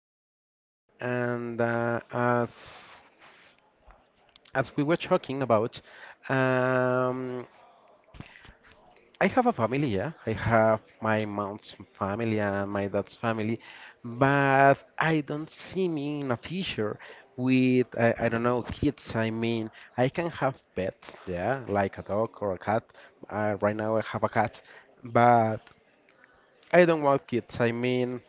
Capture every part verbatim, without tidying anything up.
Okay, and uh, as as we were talking about, um, I have a family, yeah. I have my mom's family and my dad's family, but I don't see me in a future with I, I don't know, kids. I mean, I can have pets, yeah, like a dog or a cat. Uh, right now I have a cat, but I don't want kids. I mean,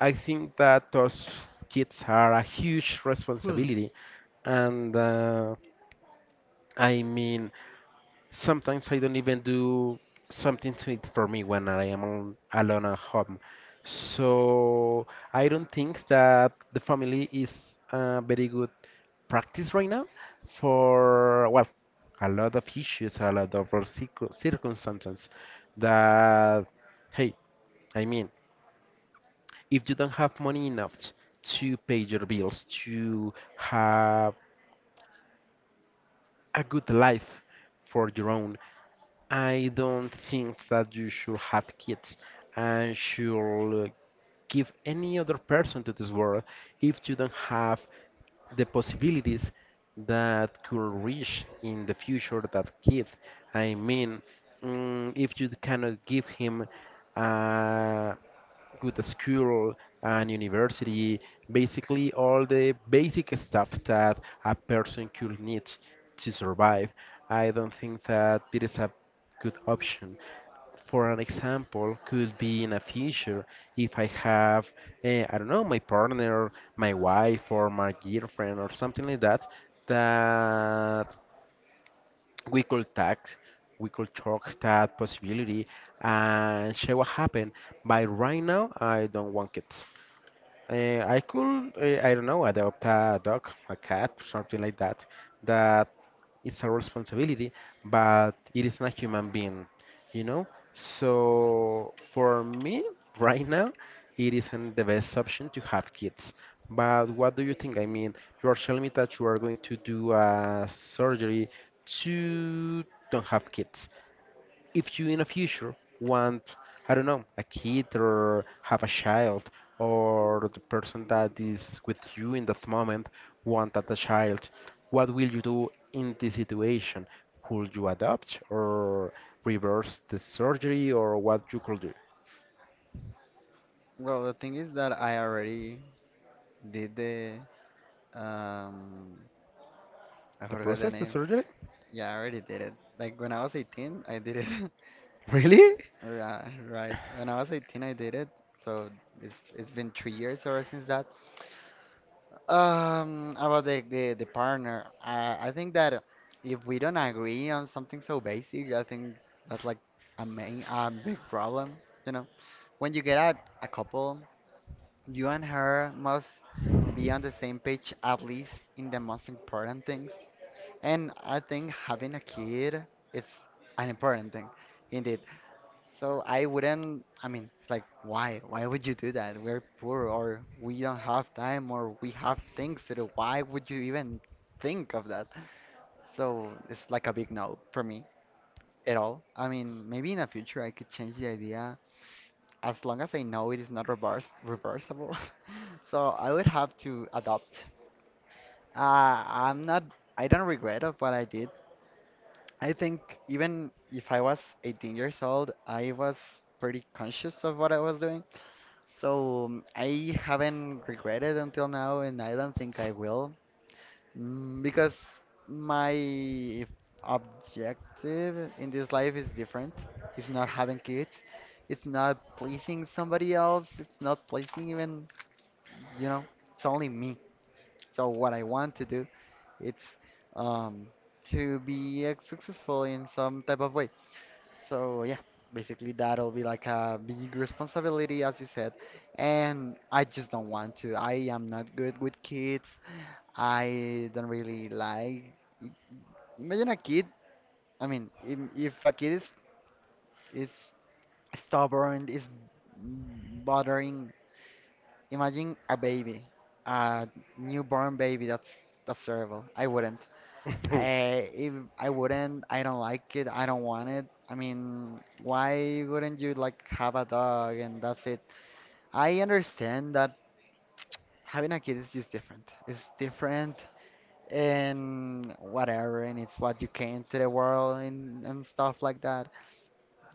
I think that those kids are a huge responsibility and uh, I mean, sometimes I don't even do something to it for me when I am al- alone at home. So I don't think that the family is a very good practice right now for, well, a lot of issues, a lot of circu- circumstances that, hey, I mean, if you don't have money enough to pay your bills, to have a good life for your own, I don't think that you should have kids and should give any other person to this world if you don't have the possibilities that could reach in the future that kid. I mean, mm, if you cannot give him uh, good school and university, basically all the basic stuff that a person could need to survive. I don't think that it is a good option. For an example, could be in a future if I have, eh, I don't know, my partner, my wife, or my girlfriend, or something like that, that we could talk we could talk that possibility and see what happened, but right now I don't want kids. uh, I could, uh, I don't know, adopt a dog, a cat, something like that that it's our responsibility, but it is not human being, you know? So for me, right now, it isn't the best option to have kids. But what do you think? I mean, you are telling me that you are going to do a surgery to don't have kids if you in the future want, I don't know, a kid or have a child, or the person that is with you in that moment want that a child, what will you do in this situation? Could you adopt or reverse the surgery, or what you could do? Well, the thing is that I already did the um I The forgot the process, the name. surgery? Yeah, I already did it. Like when I was eighteen, I did it. Really? Right, right. When I was eighteen, I did it. So it's it's been three years ever since that. Um, about the the, the partner, I I think that if we don't agree on something so basic, I think that's like a main a big problem, you know. When you get out a couple, you and her must be on the same page at least in the most important things. And I think having a kid is an important thing indeed. So I wouldn't, I mean, it's like, why? Why would you do that? We're poor, or we don't have time, or we have things to do. Why would you even think of that? So it's like a big no for me at all. I mean, maybe in the future I could change the idea as long as I know it is not reverse reversible. So I would have to adopt. Uh, I'm not. I don't regret of what I did. I think even if I was eighteen years old, I was pretty conscious of what I was doing. So um, I haven't regretted until now, and I don't think I will. Mm, because my objective in this life is different. It's not having kids. It's not pleasing somebody else. It's not pleasing even, you know, it's only me. So what I want to do, it's um to be uh, successful in some type of way. So yeah, basically that'll be like a big responsibility as you said, and I just don't want to. I am not good with kids. I don't really like imagine a kid. I mean, im- if a kid is is stubborn, is bothering. Imagine a baby, a newborn baby. That's that's terrible. I wouldn't. I If I wouldn't. I don't like it. I don't want it. I mean, why wouldn't you like have a dog and that's it? I understand that having a kid is just different. It's different and whatever, and it's what you came to the world and and stuff like that.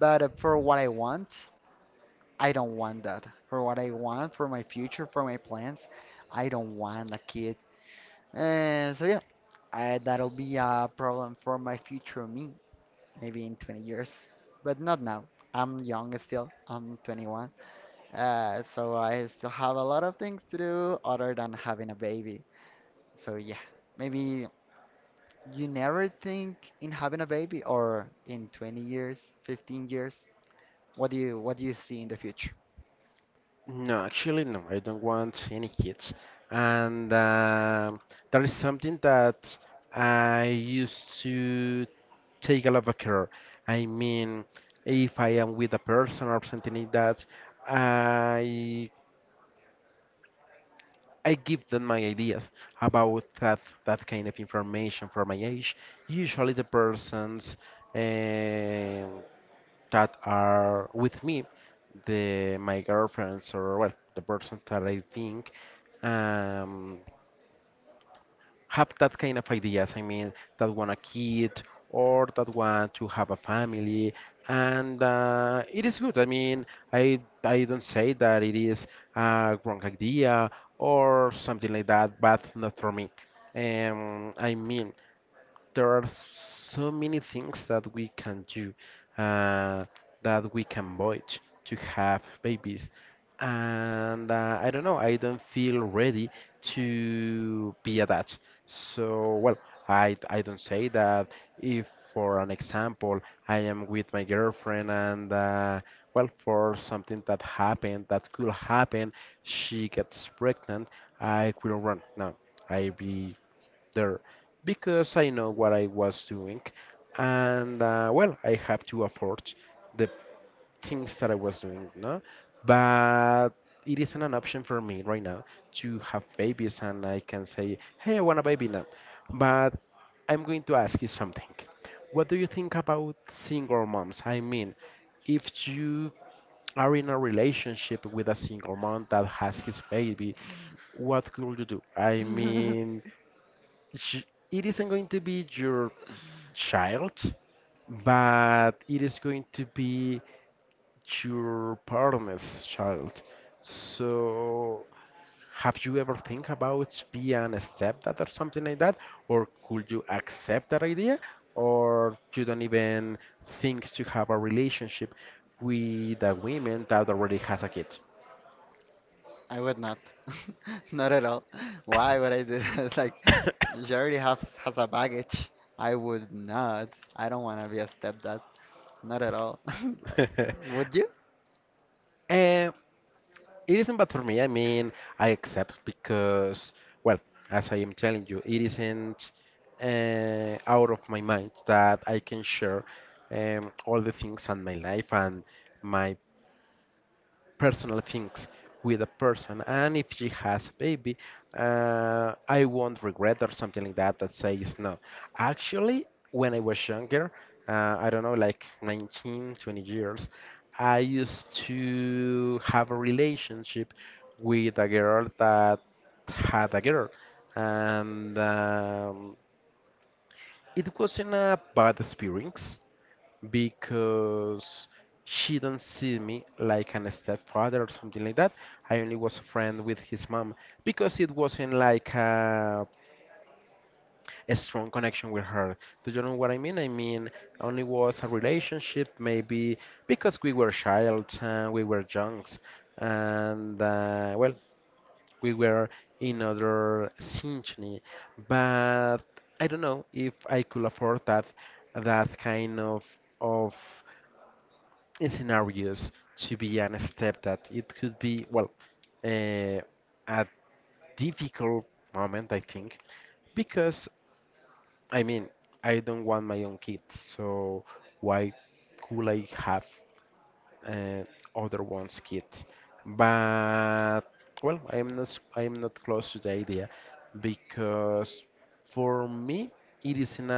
But uh, for what I want, I don't want that. For what I want, for my future, for my plans. I don't want a kid. And so yeah, I, that'll be a problem for my future me, maybe in twenty years, but not now. I'm young still. I'm twenty-one. Uh, so I still have a lot of things to do other than having a baby. So yeah, maybe you never think in having a baby or in twenty years, fifteen years. What do you what do you see in the future? No, actually, no, I don't want any kids. And um that is something that I used to take a lot of care. I mean, if I am with a person or something like that, I I give them my ideas about that that kind of information for my age. Usually, the persons. um that are with me, the my girlfriends or well, the person that I think um, have that kind of ideas. I mean, that want a kid or that want to have a family, and uh, it is good. I mean, I I don't say that it is a wrong idea or something like that, but not for me. Um, I mean there are so many things that we can do, uh, that we can avoid to have babies. And uh, I don't know, I don't feel ready to be a dad. So, well, I, I don't say that if, for an example, I am with my girlfriend and, uh, well, for something that happened, that could happen, she gets pregnant, I will run. No, I be there because I know what I was doing, and uh, well, I have to afford the things that I was doing, no? But it isn't an option for me right now to have babies, and I can say, hey, I want a baby now. But I'm going to ask you something. What do you think about single moms? I mean, if you are in a relationship with a single mom that has his baby, what could you do? I mean, sh- it isn't going to be your child, but it is going to be your partner's child. So, have you ever think about being a stepdad or something like that? Or could you accept that idea? Or you don't even think to have a relationship with a woman that already has a kid? I would not. Not at all. Why would I do that? Like, she already have has a baggage. I would not. I don't want to be a stepdad. Not at all. Like, would you? Uh, It isn't bad for me. I mean, I accept because, well, as I am telling you, it isn't uh, out of my mind that I can share um, all the things on my life and my personal things with a person, and if she has a baby, uh, I won't regret or something like that that says no. Actually, when I was younger, uh, I don't know, like nineteen twenty years, I used to have a relationship with a girl that had a girl, and um, it wasn't a bad experience because she don't see me like an stepfather or something like that. I only was a friend with his mom because it wasn't like a, a strong connection with her. Do you know what I mean? I mean, only was a relationship maybe because we were child and we were junks and uh, well, we were in other synchrony, but I don't know if I could afford that that kind of of in scenarios to be an step that it could be well, uh, a difficult moment I think because I mean I don't want my own kids, so why could I have, uh, other one's kids? But well, I am not s- I am not close to the idea because for me it is isn't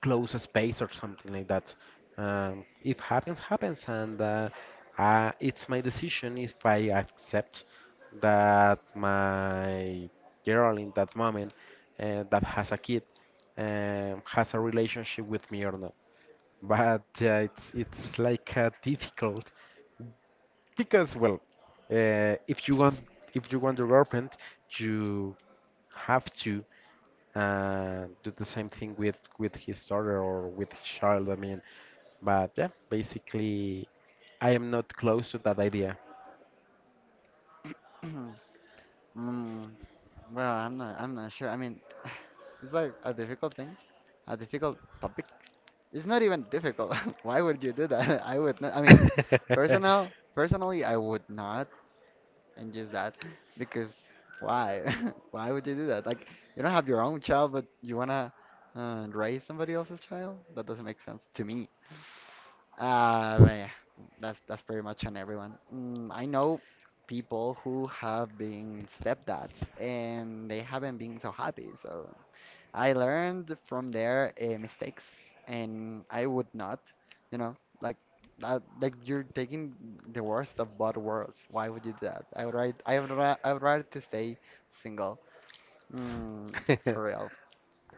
close space or something like that. Um, if happens, happens, and uh, uh, it's my decision if I accept that my girl in that moment, uh, that has a kid, um, has a relationship with me or not. But uh, it's it's like, uh, difficult because well, uh, if you want if you want to repent, you have to and do the same thing with with his daughter or with his child. I mean, but yeah, basically, I am not close to that idea. Mm, well, I'm not. I'm not sure. I mean, it's like a difficult thing, a difficult topic. It's not even difficult. Why would you do that? I would not. I mean, personal, personally, I would not. And just that, because why, why would you do that? Like, you don't have your own child, but you want to uh, raise somebody else's child? That doesn't make sense to me. Uh but yeah, that's that's pretty much on everyone. Mm, I know people who have been stepdads and they haven't been so happy, so I learned from their uh, mistakes, and I would not, you know, like that, like you're taking the worst of both worlds. Why would you do that? I would rather, I would rather, I would rather to stay single, mm, for real.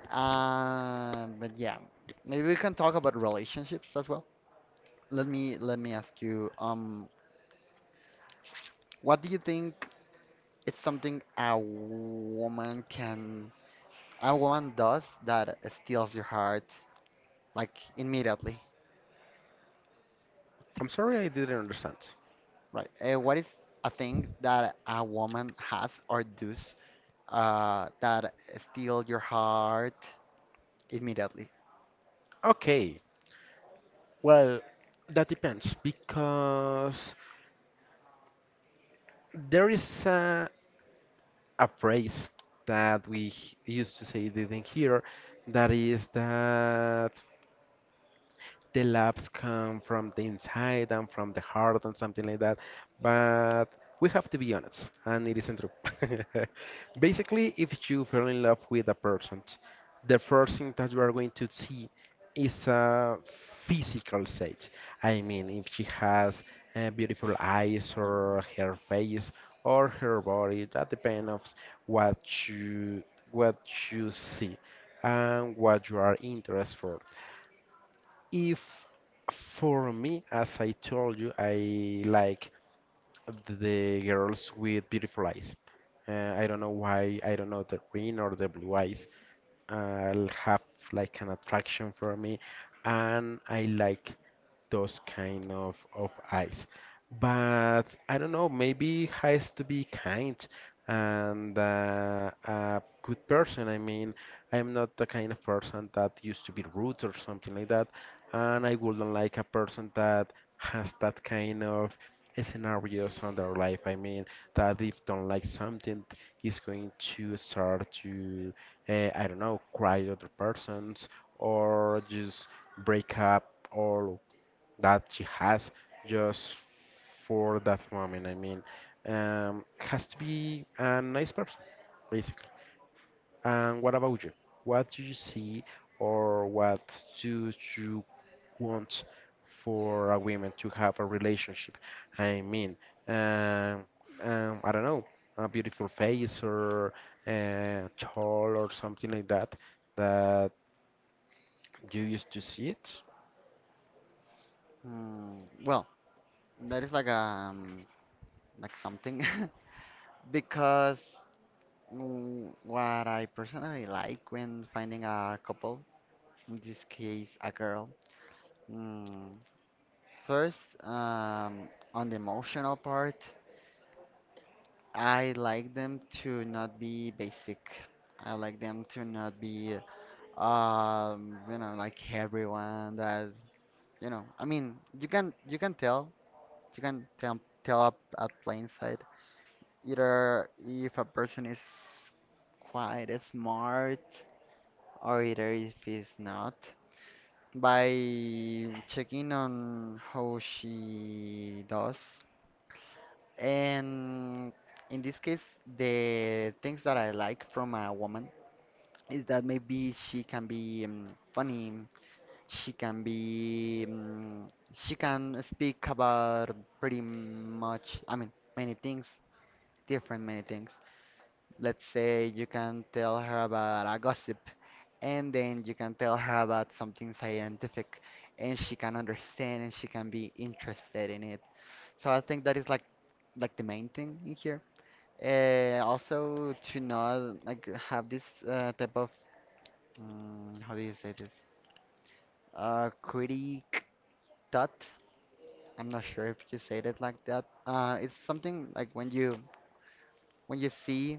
Uh, but yeah, maybe we can talk about relationships as well. Let me let me ask you, um, what do you think is something a woman can, a woman does that steals your heart, like immediately? I'm sorry, I didn't understand. Right. Uh, what is a thing that a woman has or does uh, that steal your heart immediately? Okay, well, that depends because there is a, a phrase that we h- used to say didn't hear that is that the laughs come from the inside and from the heart and something like that. But we have to be honest, and it isn't true. Basically, if you fell in love with a person, the first thing that you are going to see is a physical state. I mean, if she has uh, beautiful eyes Um, or her face or her body, that depends of what you what you see and what you are interested for. If For me, as I told you, I like the girls with beautiful eyes. Uh, I don't know why, I don't know the green or the blue eyes uh, have like an attraction for me, and I like those kind of of eyes. But I don't know, maybe has to be kind and uh, a good person. I mean, I am not the kind of person that used to be rude or something like that, and I wouldn't like a person that has that kind of scenarios on their life. I mean, that if don't like something, is going to start to, uh, I don't know, cry at other persons or just break up all that she has just for that moment. I mean, um, has to be a nice person, basically. And what about you? What do you see or what do you want for a woman to have a relationship? I mean, um, um, I don't know, a beautiful face or uh, tall or something like that that you used to see it? Mm, well, that is like um like something because, mm, what I personally like when finding a couple, in this case a girl, mm, first, um on the emotional part, I like them to not be basic. I like them to not be, um, you know, like everyone that, you know, I mean, you can you can tell, you can tell tell up at plain sight either if a person is quite smart or either if he's not, by checking on how she does. And in this case, the things that I like from a woman is that maybe she can be um, funny, she can be, um, she can speak about pretty much, I mean, many things, different many things. Let's say you can tell her about a gossip, and then you can tell her about something scientific, and she can understand and she can be interested in it. So I think that is like like the main thing in here. Uh, also to not like have this uh, type of, um, how do you say this? Uh, critic thought. I'm not sure if you said it like that. Uh, it's something like when you when you see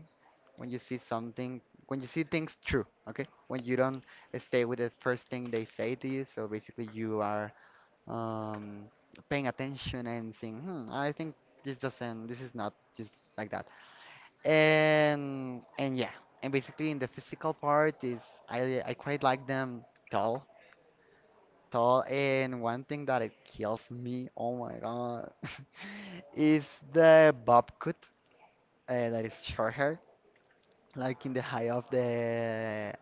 when you see something when you see things true. Okay, when you don't stay with the first thing they say to you. So basically, you are, um, paying attention and saying, hmm, I think this doesn't. This is not just like that. and and yeah, and basically in the physical part is i i quite like them tall. Tall and one thing that it kills me, oh my god, is the bob cut, uh, that is short hair, like in the high of the,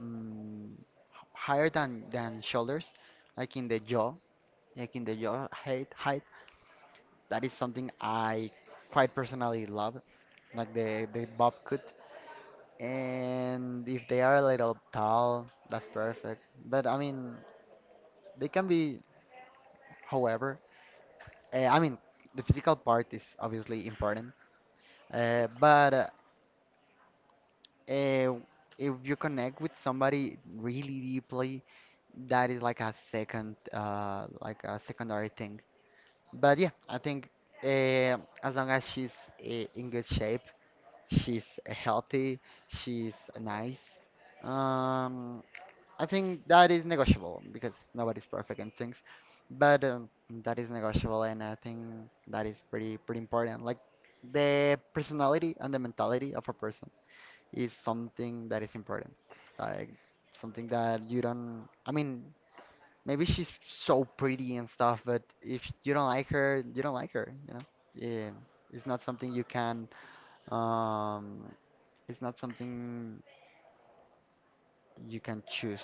mm, h- higher than than shoulders, like in the jaw, like in the jaw height height. That is something I quite personally love, like the the bob cut. And if they are a little tall, that's perfect. But I mean, they can be however. Uh, I mean, the physical part is obviously important. Uh, but uh, eh, if you connect with somebody really deeply, that is like a second, uh, like a secondary thing. But yeah, I think uh, as long as she's uh, in good shape, she's healthy, she's nice. Um, I think that is negotiable because nobody's perfect and things, but um, that is negotiable, and I think that is pretty pretty important. Like the personality and the mentality of a person is something that is important. Like something that you don't. I mean, maybe she's so pretty and stuff, but if you don't like her, you don't like her. You know, yeah, it's not something you can. Um, it's not something you can choose.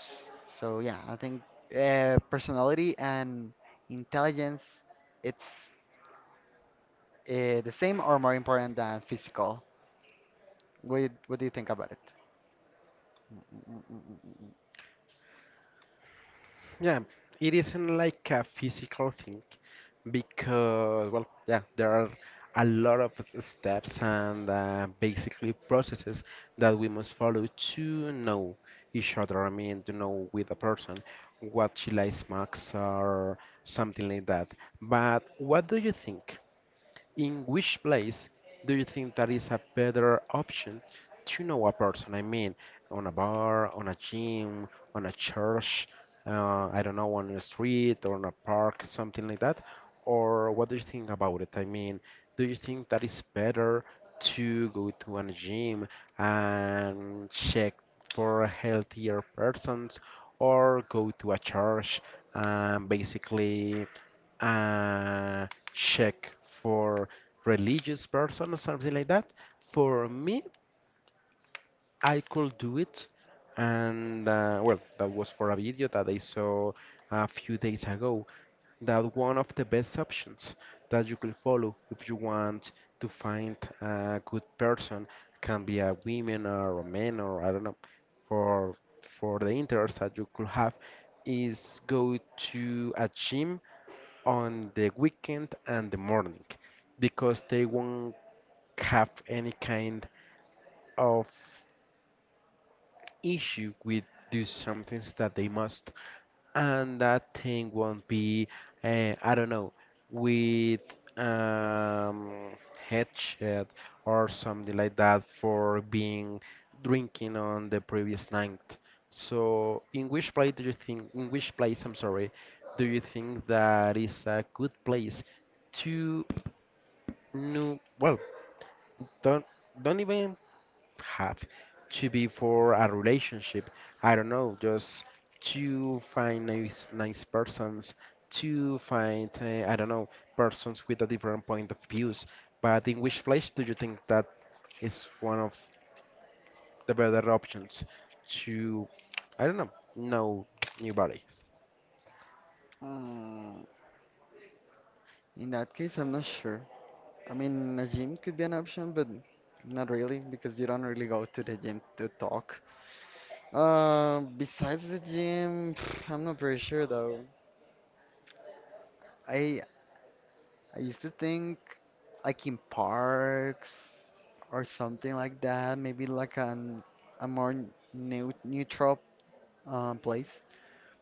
So yeah, I think uh, personality and intelligence it's uh, the same or more important than physical. What do you, what do you think about it? Yeah, it isn't like a physical thing because, well, yeah, there are a lot of s- steps and uh, basically processes that we must follow to know each other. I mean, to know with a person what she likes, marks, or something like that. But what do you think? In which place do you think that is a better option to know a person? I mean, on a bar, on a gym, on a church, uh, I don't know, on a street or on a park, something like that? Or what do you think about it? I mean, do you think that is better to go to a gym and check for healthier persons or go to a church and basically uh, check for religious person or something like that. For me, I could do it, and uh, well, that was for a video that I saw a few days ago. That one of the best options that you could follow if you want to find a good person can be a woman or a man or I don't know. For for the interest that you could have is go to a gym on the weekend and the morning because they won't have any kind of issue with do some things that they must, and that thing won't be uh, I don't know, with um, headshot or something like that for being drinking on the previous night. So in which place do you think, in which place I'm sorry, do you think that is a good place to No, well, don't don't even have to be for a relationship. I don't know, just to find nice nice persons, to find uh, I don't know, persons with a different point of views. But in which place do you think that is one of the better options to, I don't know know new bodies? Mm, in that case, I'm not sure. I mean, a gym could be an option, but not really because you don't really go to the gym to talk. Uh, besides the gym, I'm not very sure though. I I used to think like in parks or something like that, maybe like an a more new, neutral um, place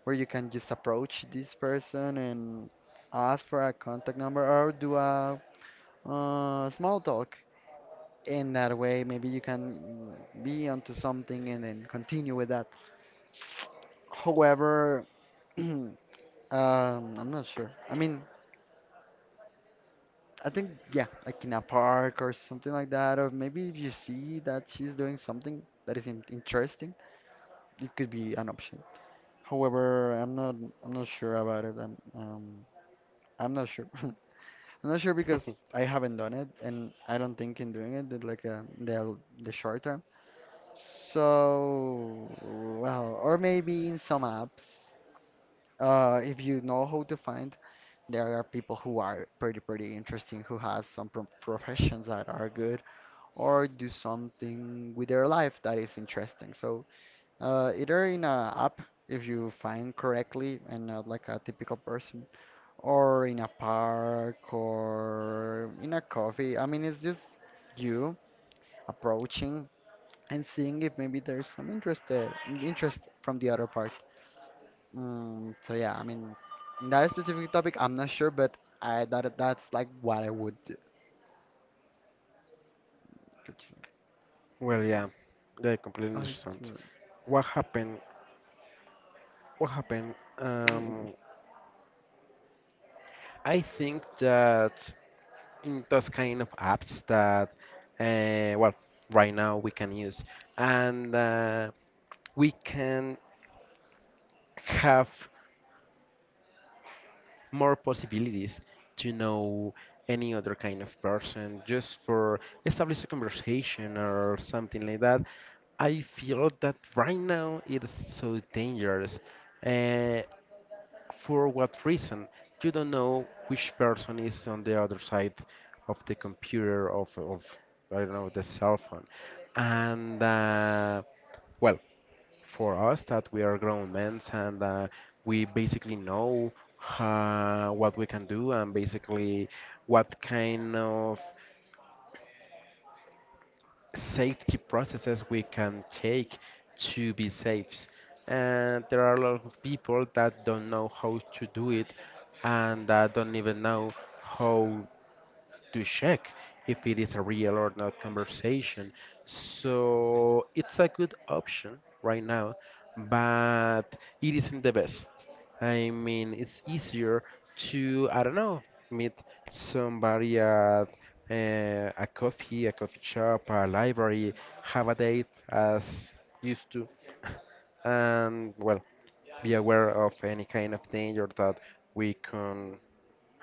where you can just approach this person and ask for a contact number or do a uh, small talk. In that way, maybe you can be onto something and then continue with that. However, um, I'm not sure. I mean, I think yeah, like in a park or something like that, or maybe if you see that she's doing something that is in interesting, it could be an option. However, I'm not I'm not sure about it. I'm um I'm not sure. I'm not sure because I haven't done it, and I don't think in doing it that, like uh, the the short term. So well, or maybe in some apps, uh, if you know how to find, there are people who are pretty pretty interesting who has some pro professions that are good or do something with their life that is interesting. So uh, either in a app if you find correctly and not like a typical person, or in a park or in a coffee. I mean, it's just you approaching and seeing if maybe there's some interest there, interest from the other part. Mm, so yeah, I mean, in that specific topic, I'm not sure, but I that that's like what I would do. Well, yeah, I completely I understand. What happened? What happened? Um, I think that in those kind of apps that, uh, well, right now we can use, and uh, we can have more possibilities to know any other kind of person just for establish a conversation or something like that. I feel that right now it's so dangerous. Uh, For what reason? You don't know which person is on the other side of the computer, of, of I don't know, the cell phone. And, uh, well, for us that we are grown men, and uh, we basically know uh, what we can do and basically what kind of safety processes we can take to be safe. And there are a lot of people that don't know how to do it, and that don't even know how to check if it is a real or not conversation. So it's a good option right now, but it isn't the best. I mean, it's easier to, I don't know, meet somebody at uh, a coffee, a coffee shop, a library, have a date as used to, and well, be aware of any kind of danger that we can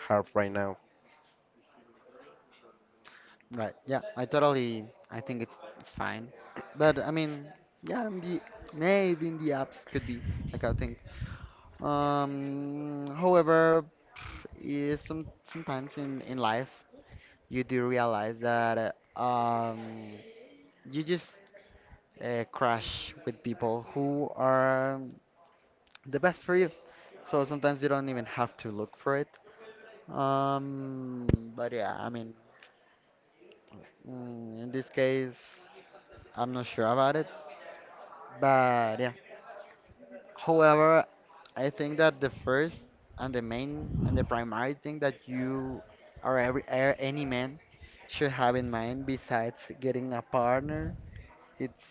have right now. Right. Yeah. I totally. I think it's it's fine. But I mean, yeah. In the maybe in the apps could be like I think. Um. However, is some sometimes in in life you do realize that uh, um you just uh, crash with people who are the best for you. So sometimes you don't even have to look for it. Um. But yeah. I mean, mm, In this case, I'm not sure about it. But yeah. However, I think that the first and the main and the primary thing that you or every or any man should have in mind besides getting a partner, it's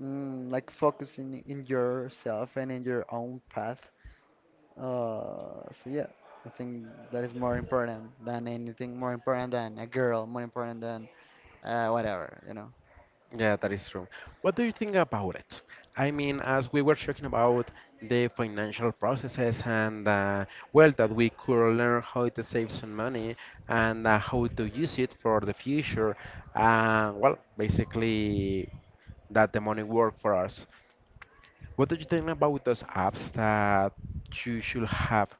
mm, like focusing in yourself and in your own path. Uh, so yeah, I think that is more important than anything, more important than a girl, more important than uh, whatever, you know. Yeah, that is true. What do you think about it? I mean, as we were talking about the financial processes and uh, well, that we could learn how to save some money and uh, how to use it for the future. Uh, well, basically, that the money work for us. What do you think about those apps that you should have?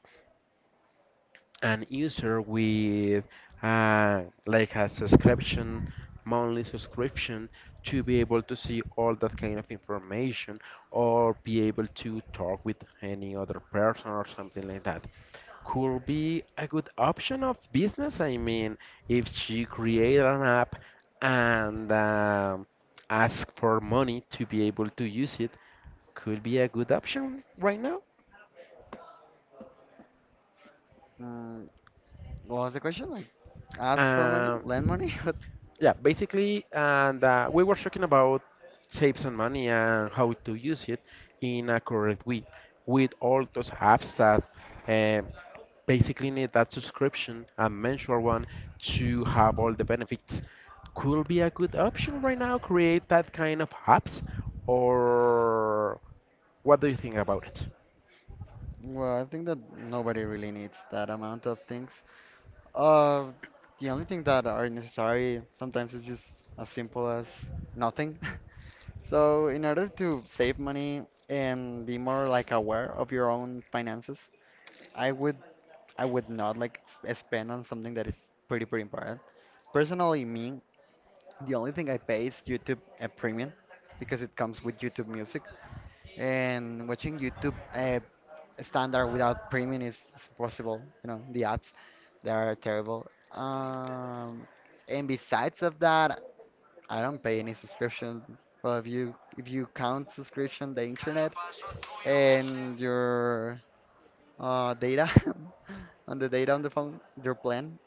An user with uh, like a subscription, monthly subscription, to be able to see all that kind of information or be able to talk with any other person or something like that. Could be a good option of business. I mean, if you create an app and um, ask for money to be able to use it, could be a good option right now. Mm, what was the question? Like, ask for money, Um, lend money, Yeah, basically, and uh, we were talking about save some money and how to use it in a correct way with all those apps that um basically need that subscription, a mensual one, to have all the benefits. Could be a good option right now, create that kind of apps, or what do you think about it? Well, I think that nobody really needs that amount of things. Uh, the only thing that are necessary sometimes is just as simple as nothing. So, in order to save money and be more like aware of your own finances, I would I would not like s- spend on something that is pretty pretty important. Personally, me, the only thing I pay is YouTube a premium because it comes with YouTube Music and watching YouTube uh, standard without premium is is impossible. You know, the ads, they are terrible. Um, and besides of that, I don't pay any subscription. Well, if you if you count subscription, the internet and your uh, data on the data on the phone, your plan.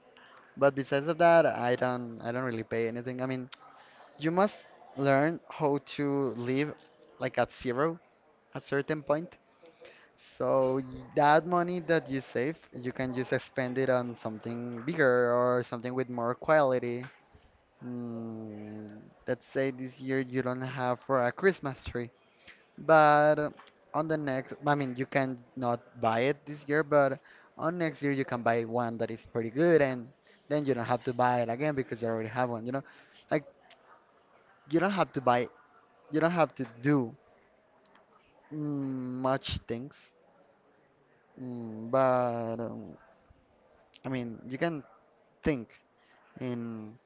But besides of that, I don't I don't really pay anything. I mean, you must learn how to live like at zero at certain point. So y- that money that you save, you can just spend it on something bigger or something with more quality. Mm, let's say this year you don't have for a Christmas tree, but uh, on the next, I mean, you can not buy it this year, but on next year you can buy one that is pretty good, and then you don't have to buy it again because you already have one. You know, like you don't have to buy, you don't have to do mm, much things, mm, but. Um, I mean, you can think and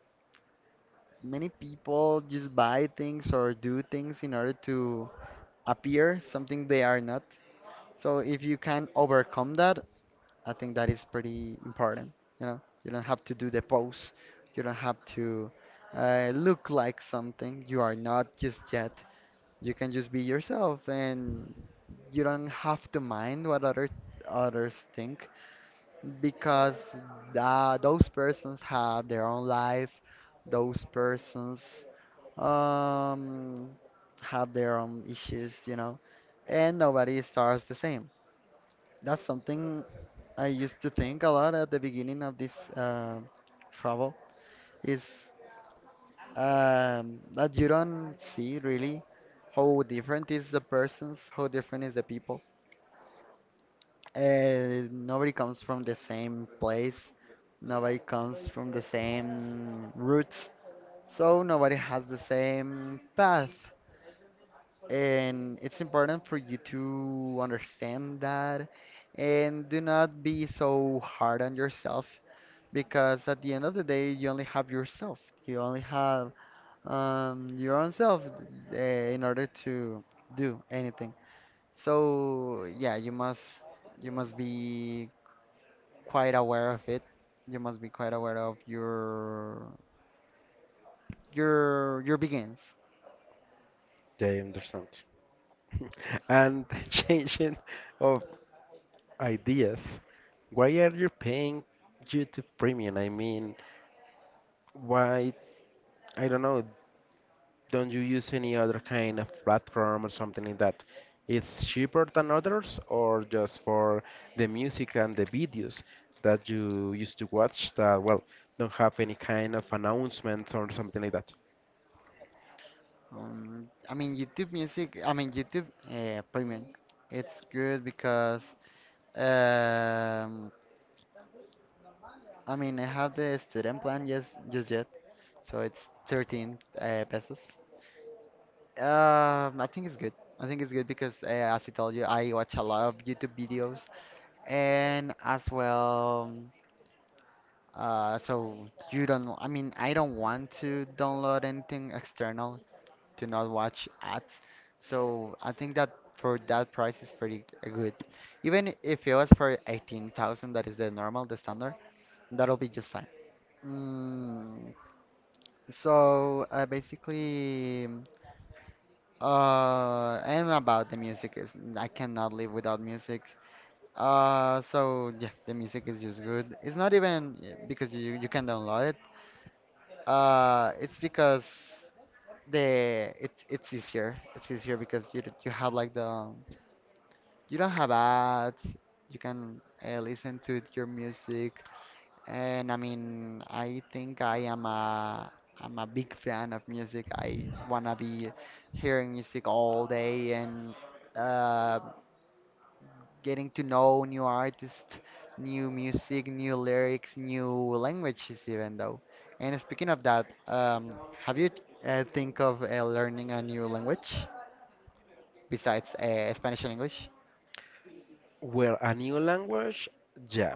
many people just buy things or do things in order to appear something they are not, so if you can overcome that, I think that is pretty important. You know, you don't have to do the pose, you don't have to uh, look like something you are not just yet. You can just be yourself, and you don't have to mind what other others think because tha- those persons have their own life, those persons um, have their own issues, you know, and nobody starts the same. That's something I used to think a lot at the beginning of this uh, travel is um, that you don't see really how different is the persons, how different is the people. Uh, nobody comes from the same place. Nobody comes from the same roots. So nobody has the same path. And it's important for you to understand that and do not be so hard on yourself because at the end of the day, you only have yourself. You only have um, your own self uh, in order to do anything. So yeah, you must you must be quite aware of it. You must be quite aware of your your your begins. I understand. And changing of ideas. Why are you paying YouTube Premium? I mean, why, I don't know, don't you use any other kind of platform or something like that? It's cheaper than others, or just for the music and the videos that you used to watch that, well, don't have any kind of announcements or something like that? Um, I mean YouTube Music. I mean YouTube uh, Premium. It's good because um, I mean I have the student plan yes just yet, so it's thirteen uh, pesos. Um, I think it's good. I think it's good because uh, as I told you, I watch a lot of YouTube videos and as well. Uh, so you don't, I mean, I don't want to download anything external to not watch ads. So I think that for that price is pretty good. Even if it was for eighteen thousand, that is the normal, the standard, that'll be just fine. Mm, so uh, basically, uh, and about the music is I cannot live without music. Uh, so yeah, the music is just good. It's not even uh, because you you can download it. Uh, it's because the it's it's easier. It's easier because you d- you have like the um, you don't have ads. You can uh, listen to your music, and I mean, I think I am a I'm a big fan of music. I wanna be hearing music all day and. Uh, Getting to know new artists, new music, new lyrics, new languages, even though. And speaking of that, um, have you uh, think of uh, learning a new language besides uh, Spanish and English? Well, a new language, yeah.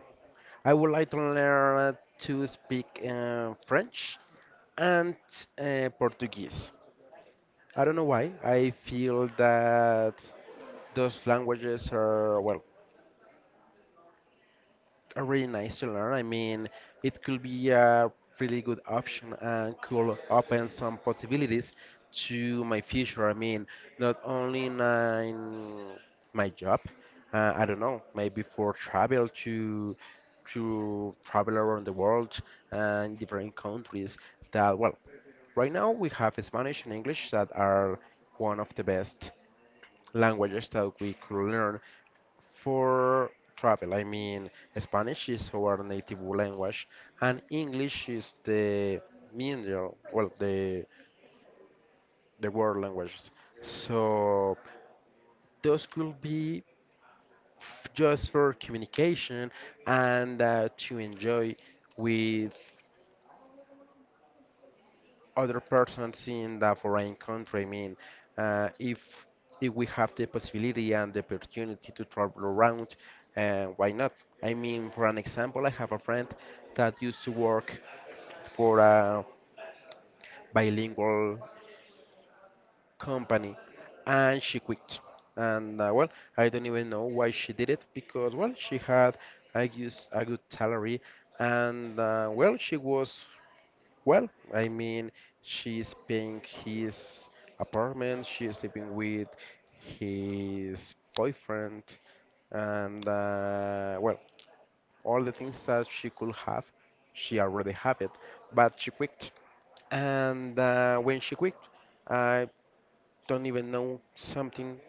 I would like to learn to speak uh, French and uh, Portuguese. I don't know why. I feel that those languages are, well, are really nice to learn. I mean, it could be a really good option and could open some possibilities to my future. I mean, not only in, uh, in my job, uh, I don't know, maybe for travel to to travel around the world and different countries that, well, right now we have Spanish and English that are one of the best languages that we could learn for travel. I mean, Spanish is our native language, and English is the middle, well, the the world languages. So those could be f- just for communication and uh, to enjoy with other persons in the foreign country. I mean, uh, if if we have the possibility and the opportunity to travel around, uh, why not? I mean, for an example, I have a friend that used to work for a bilingual company, and she quit. And uh, well, I don't even know why she did it because, well, she had, I guess, a good salary, and uh, well, she was, well, I mean, she's paying his apartment, she's sleeping with his boyfriend, and uh, well, all the things that she could have, she already have it, but she quit. And uh, when she quit, I don't even know something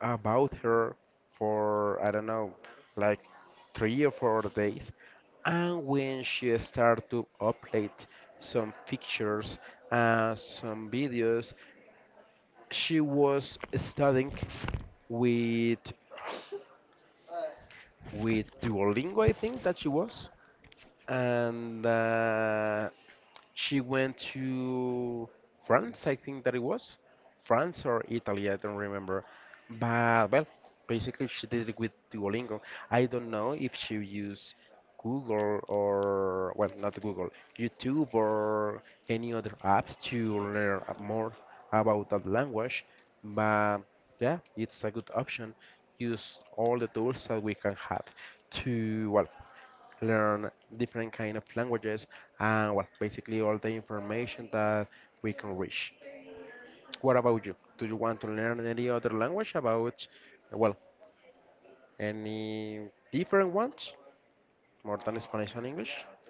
about her for, I don't know, like three or four days. And when she started to upload some pictures and some videos, she was studying with with Duolingo, I think that she was. And uh, she went to France, I think that it was France or Italy, I don't remember. But well, basically she did it with Duolingo. I don't know if she used Google or, well, not Google, YouTube or any other app to learn a- more about that language. But yeah, it's a good option. Use all the tools that we can have to, well, learn different kind of languages and, well, basically all the information that we can reach. What about you? Do you want to learn any other language about, well, any different ones more than Spanish and English?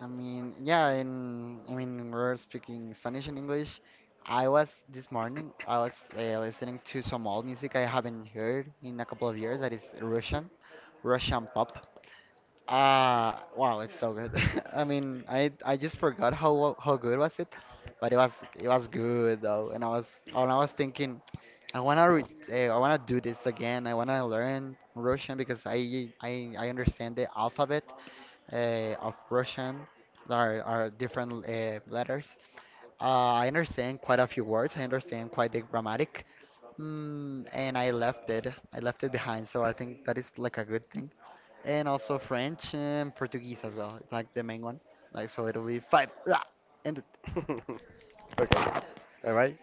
I mean, yeah, in I mean, we're speaking Spanish and English. I was this morning, I was uh, listening to some old music I haven't heard in a couple of years. That is Russian, Russian pop. Uh, wow, it's so good. I mean, I I just forgot how how good was it, but it was it was good though. And I was and I was thinking, I wanna re eh, I wanna do this again. I wanna learn Russian because I I I understand the alphabet uh, of Russian. There are, are different uh, letters. Uh, I understand quite a few words. I understand quite the grammatic. Mm, and I left it. I left it behind. So I think that is like a good thing, and also French and Portuguese as well. It's like the main one. Like so, it'll be five. Ah, and Okay, bye bye.